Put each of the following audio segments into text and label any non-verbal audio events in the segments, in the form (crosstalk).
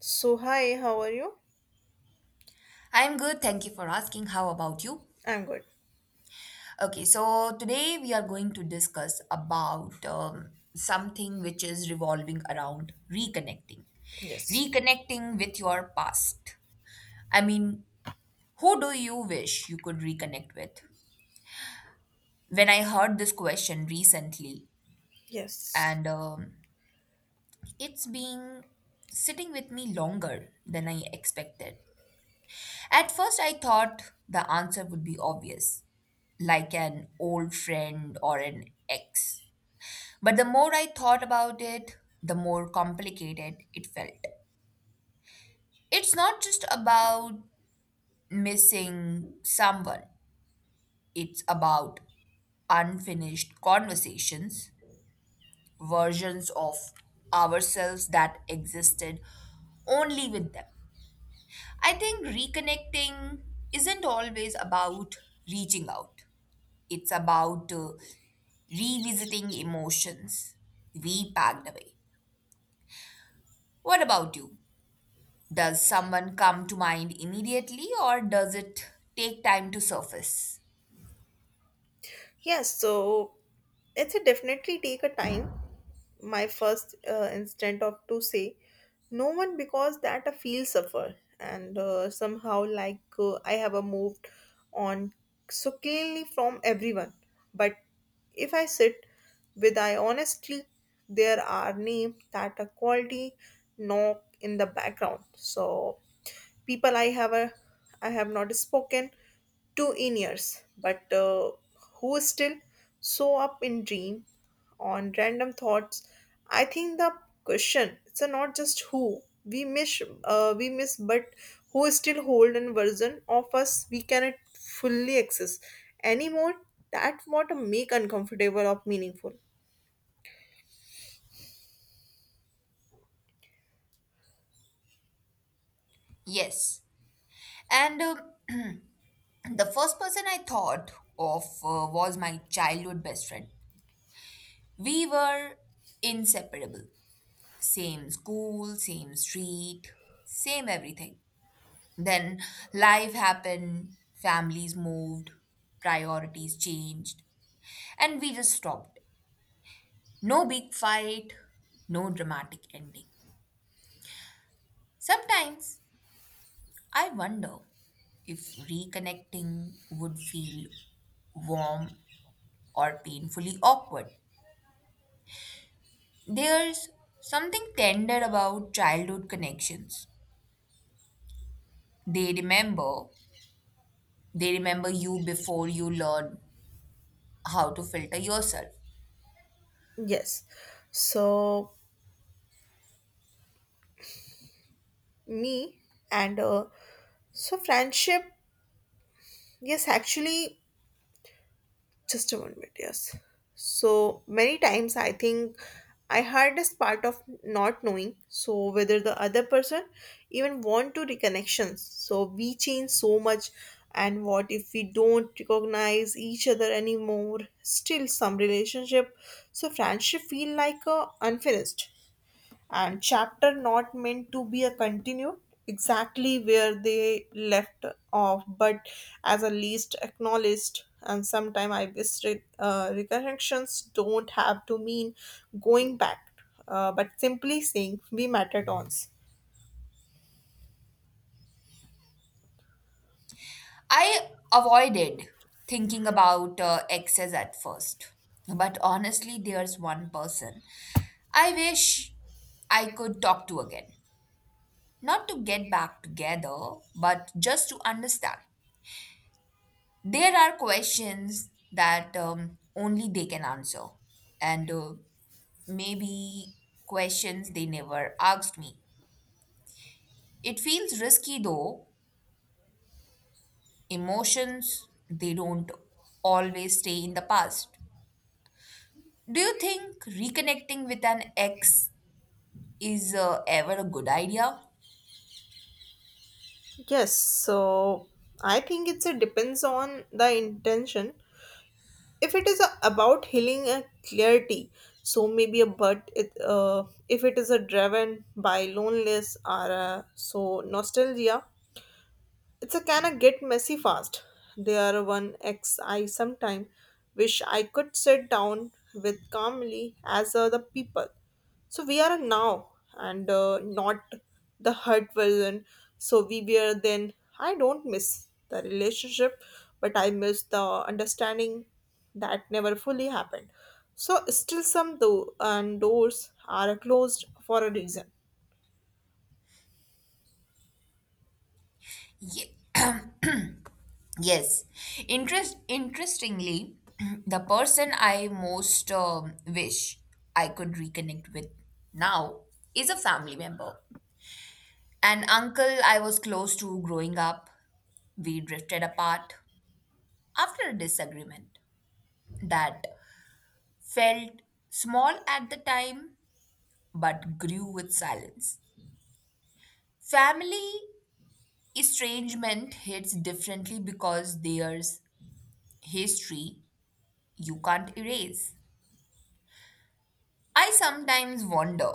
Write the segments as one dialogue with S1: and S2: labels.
S1: So, hi, how are you?
S2: I'm good, thank you for asking. How about you?
S1: I'm good.
S2: Okay, so today we are going to discuss about something which is revolving around reconnecting.
S1: Yes.
S2: Reconnecting with your past. I mean, who do you wish you could reconnect with? When I heard this question recently,
S1: Yes.
S2: and it's been sitting with me longer than I expected. At first, I thought the answer would be obvious like an old friend or an ex. But the more I thought about it, the more complicated it felt. It's not just about missing someone, it's about unfinished conversations, versions of ourselves that existed only with them. I think reconnecting isn't always about reaching out, it's about revisiting emotions we packed away. What about you? Does someone come to mind immediately or does it take time to surface?
S1: Yes, so it's a definitely take a time. My first instinct of to say no one because that I feel suffer and somehow like I have a moved on so cleanly from everyone. But if I sit with I honestly, there are name that a quality knock in the background. So people I have a, I have not spoken to in years, but who still so up in dream on random thoughts. I think the question it's a not just who we miss, but who still hold an version of us we cannot fully access anymore. That what make uncomfortable or meaningful.
S2: Yes. And (clears throat) the first person I thought of was my childhood best friend. We were inseparable. Same school, same street, same everything. Then life happened, families moved, priorities changed, and we just stopped. No big fight, no dramatic ending. Sometimes I wonder if reconnecting would feel warm or painfully awkward. There's something tender about childhood connections. They remember, they remember you before you learn how to filter yourself.
S1: Yes, so me and so friendship. Yes, actually just a one minute, yes. So many times I think I had this part of not knowing so whether the other person even want to reconnections. So we change so much and what if we don't recognize each other anymore? Still some relationship. So friendship feel like a unfinished and chapter not meant to be a continued exactly where they left off but as a least acknowledged, and sometimes I wish recollections don't have to mean going back but simply saying we met at once.
S2: I avoided thinking about exes at first, but honestly, there's one person I wish I could talk to again. Not to get back together, but just to understand. There are questions that only they can answer, and maybe questions they never asked me. It feels risky though. Emotions, they don't always stay in the past. Do you think reconnecting with an ex is ever a good idea?
S1: Yes, so I think it's it depends on the intention. If it is a, about healing and clarity so maybe a but it, if it is a driven by loneliness or so nostalgia it's a can I get messy fast. They are one ex I sometime wish I could sit down with calmly as other people. So we are now and not the hurt version. So we were then. I don't miss the relationship, but I miss the understanding that never fully happened. So still some do- and doors are closed for a reason.
S2: Yeah. Yes. Interestingly, (clears throat) the person I most wish I could reconnect with now is a family member. An uncle I was close to growing up. We drifted apart after a disagreement that felt small at the time but grew with silence. Family estrangement hits differently because there's history you can't erase. I sometimes wonder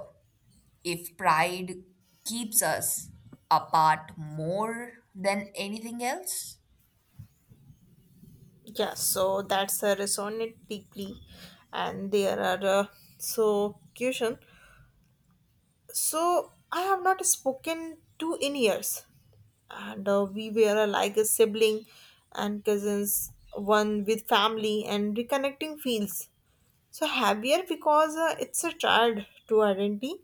S2: if pride keeps us apart more than anything else.
S1: Yeah, so that's a resonate deeply, and there are so question. So I have not spoken to in years, and we were like a sibling and cousins, one with family and reconnecting feels so heavier because it's a tied to identity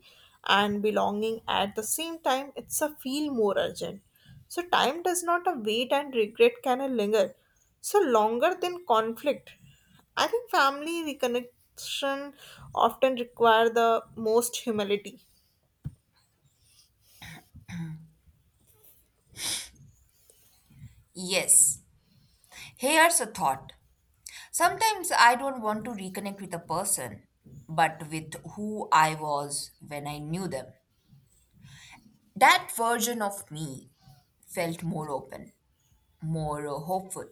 S1: and belonging. At the same time it's a feel more urgent, so time does not a wait and regret can linger so longer than conflict. I think family reconnection often require the most humility.
S2: Yes, here's a thought. Sometimes I don't want to reconnect with a person, but with who I was when I knew them. That version of me felt more open, more hopeful.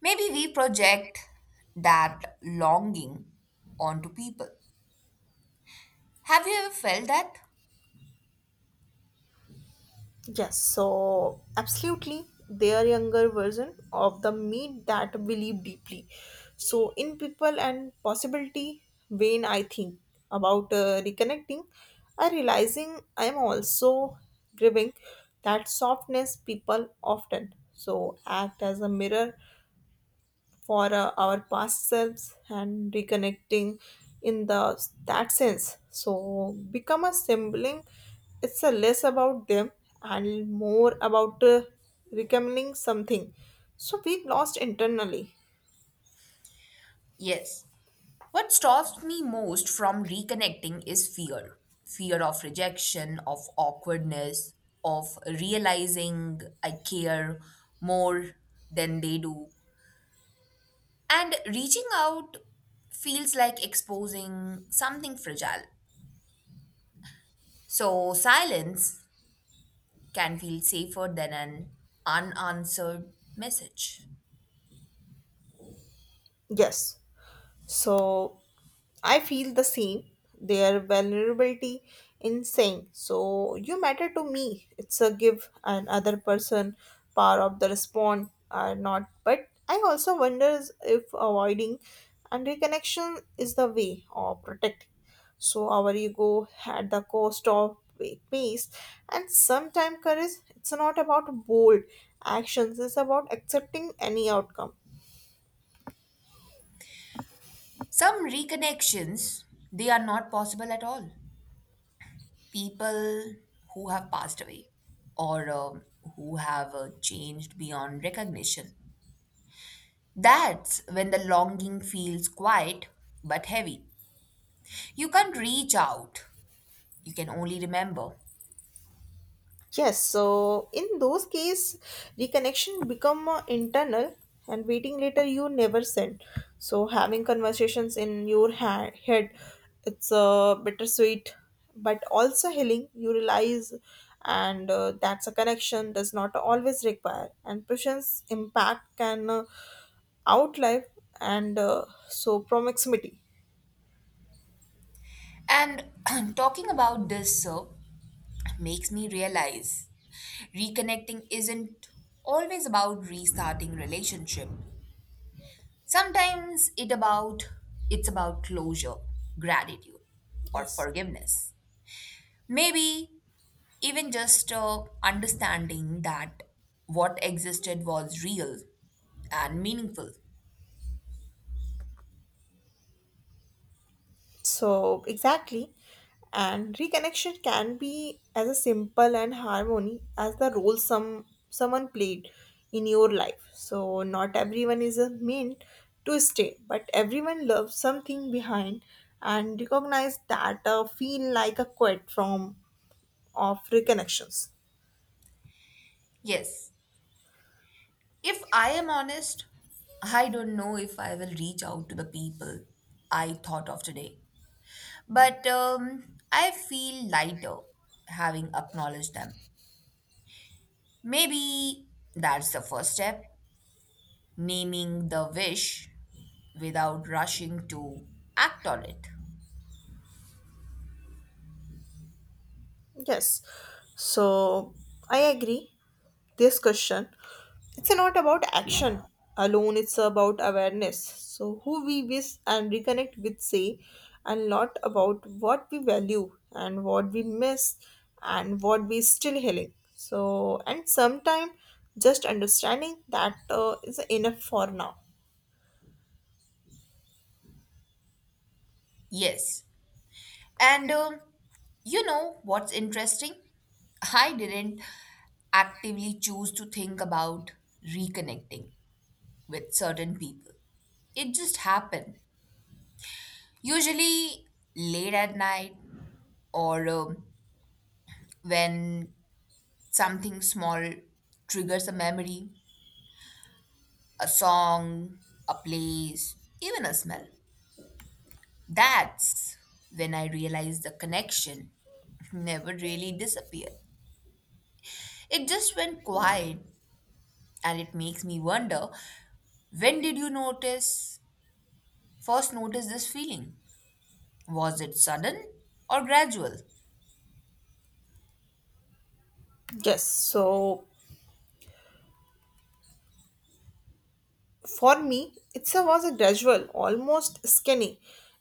S2: Maybe we project that longing onto people. Have you ever felt that?
S1: Yes, so absolutely, their younger version of the meat that believe deeply. So, in people and possibility, when I think about reconnecting, I realizing I am also grieving that softness. People often so act as a mirror for our past selves, and reconnecting in the that sense so become a sibling, it's a less about them and more about recommending something so we lost internally.
S2: Yes. What stops me most from reconnecting is fear, fear of rejection, of awkwardness, of realizing I care more than they do. And reaching out feels like exposing something fragile. So, silence can feel safer than an unanswered message.
S1: Yes, so I feel the same. Their vulnerability in saying, so you matter to me. It's a give and other person power of the respond are not. But I also wonder if avoiding and reconnection is the way of protecting. So our ego at the cost of peace, and sometimes courage. It's not about bold actions, it's about accepting any outcome.
S2: Some reconnections, they are not possible at all. People who have passed away or who have changed beyond recognition. That's when the longing feels quiet but heavy. You can't reach out, you can only remember.
S1: Yes, so in those case, reconnection become internal and waiting later you never send. So having conversations in your head, it's bittersweet, but also healing. You realize, and that's a connection does not always require. And patience impact can outlive and so proximity.
S2: And (clears throat) talking about this makes me realize reconnecting isn't always about restarting relationship. Sometimes it about It's about closure, gratitude, or
S1: Yes.
S2: forgiveness. Maybe even just understanding that what existed was real and meaningful.
S1: So, exactly. And reconnection can be as a simple and harmony as the role someone played in your life. So, not everyone is a meant to stay, but everyone loves something behind and recognize that feel like a quit from of reconnections.
S2: Yes, if I am honest, I don't know if I will reach out to the people I thought of today. But I feel lighter having acknowledged them. Maybe that's the first step, naming the wish without rushing to act on it.
S1: Yes. So, I agree this question it's not about action alone, it's about awareness. So who we wish and reconnect with say and lot about what we value and what we miss and what we still healing, so and sometime just understanding that is enough for now.
S2: Yes. And you know what's interesting? I didn't actively choose to think about reconnecting with certain people. It just happened. Usually late at night or when something small triggers a memory, a song, a place, even a smell. That's when I realized the connection (laughs) never really disappeared. It just went quiet, and it makes me wonder, when did you notice this feeling? Was it sudden or gradual?
S1: Yes, so for me, it was a gradual, almost skinny,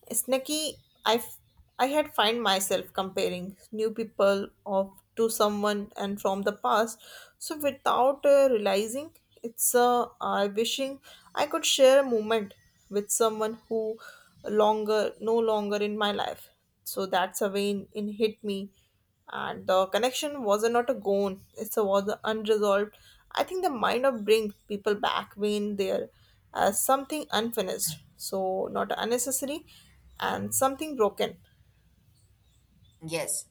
S1: snacky. I, f- I had find myself comparing new people of to someone and from the past. So without realizing, it's I wishing I could share a moment with someone who longer no longer in my life. So that's a vein in hit me and the connection was not a gone, it was unresolved. I think the mind of bring people back when there as something unfinished so not unnecessary and something broken.
S2: Yes,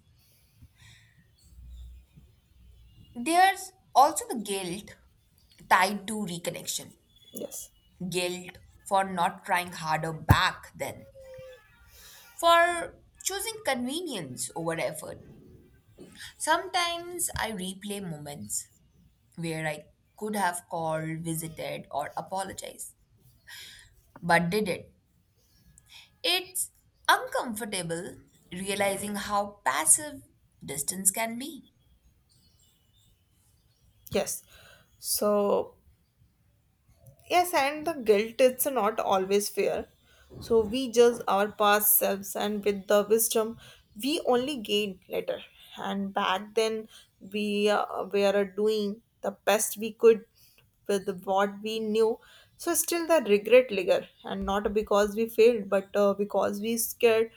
S2: there's also the guilt tied to reconnection,
S1: Yes.
S2: guilt for not trying harder back then, for choosing convenience over effort. Sometimes I replay moments where I could have called, visited, or apologized, but didn't. It's uncomfortable realizing how passive distance can be.
S1: Yes, so yes, and the guilt it's not always fair. So we judge our past selves and with the wisdom we only gain later. And back then we were doing the best we could with what we knew. So still the regret linger and not because we failed but because we scared.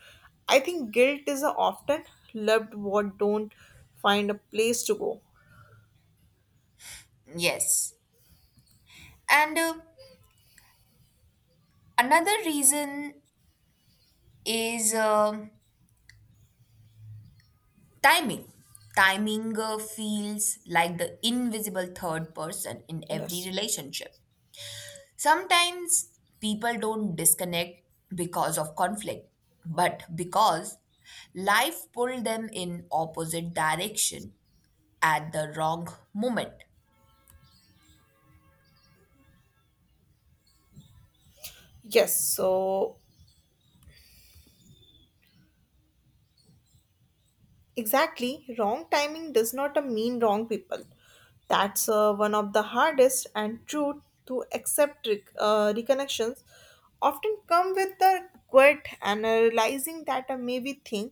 S1: I think guilt is often loved what don't find a place to go.
S2: Yes. And another reason is timing. Timing feels like the invisible third person in every
S1: Yes.
S2: relationship. Sometimes people don't disconnect because of conflict, but because life pulled them in opposite direction at the wrong moment.
S1: Yes, so exactly, wrong timing does not mean wrong people. That's one of the hardest and true to accept reconnections. Often come with the quit and realizing that a maybe thing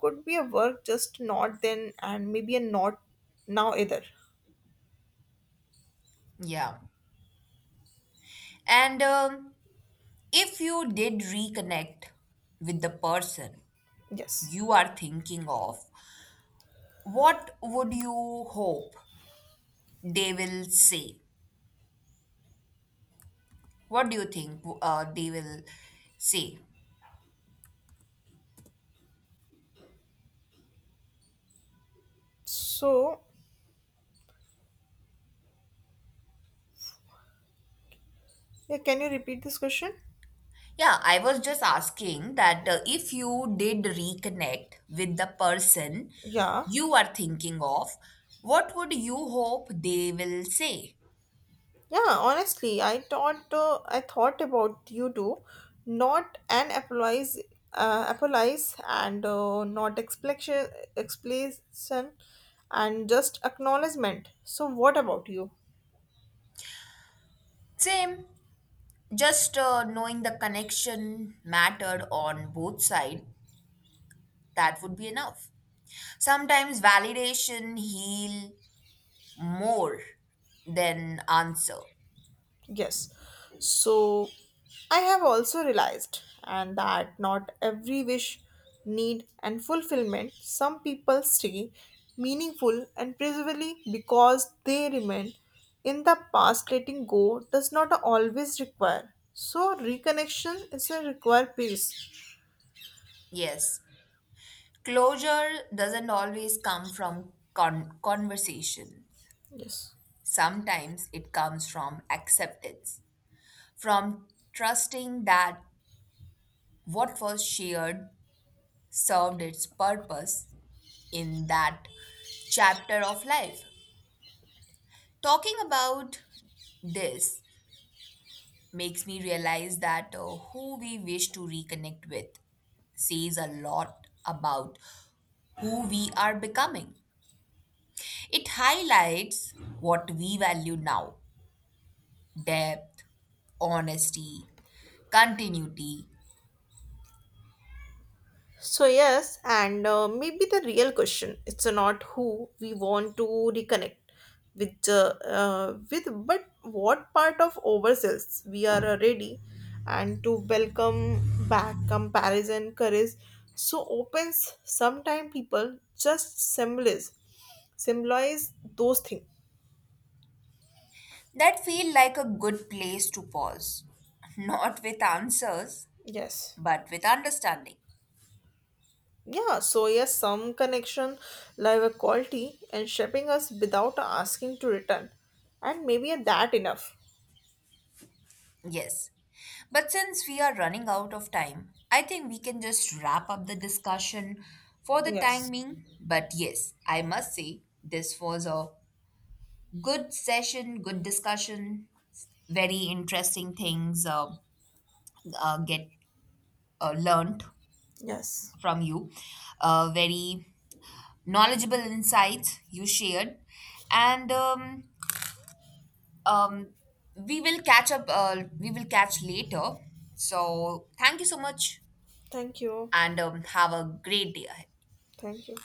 S1: could be a work just not then and maybe a not now either.
S2: Yeah. And if you did reconnect with the person
S1: Yes.
S2: you are thinking of, what would you hope they will say? What do you think they will say?
S1: So, yeah, can you repeat this question?
S2: Yeah, I was just asking that if you did reconnect with the person
S1: Yeah.
S2: you are thinking of, what would you hope they will say?
S1: Yeah, honestly, I thought about you too, not an apologize and not explanation, and just acknowledgement. So, what about you?
S2: Same, just knowing the connection mattered on both sides, that would be enough. Sometimes validation heal more than answer.
S1: Yes. So I have also realized and that not every wish need and fulfillment. Some people stay meaningful and preservably because they remain in the past. Letting go does not always require so reconnection is a require peace.
S2: Yes. Closure doesn't always come from conversation.
S1: Yes.
S2: Sometimes it comes from acceptance, from trusting that what was shared served its purpose in that chapter of life. Talking about this makes me realize that who we wish to reconnect with says a lot about who we are becoming. It highlights what we value now, depth, honesty, continuity.
S1: So yes, and maybe the real question it's not who we want to reconnect with, but what part of ourselves we are ready and to welcome back comparison courage. So opens sometimes people just symbolize those things.
S2: That feel like a good place to pause, (laughs) not with answers,
S1: Yes.
S2: but with understanding.
S1: Yeah, so yes, some connection, live a quality, and shaping us without asking to return. And maybe that enough.
S2: Yes. But since we are running out of time, I think we can just wrap up the discussion for the time
S1: Yes.
S2: being. But yes, I must say this was a good session, good discussion, very interesting things get learned
S1: Yes.
S2: from you, very knowledgeable insights you shared, and um, we will catch up. We will catch later. So thank you so much.
S1: Thank you.
S2: And have a great day ahead.
S1: Thank you.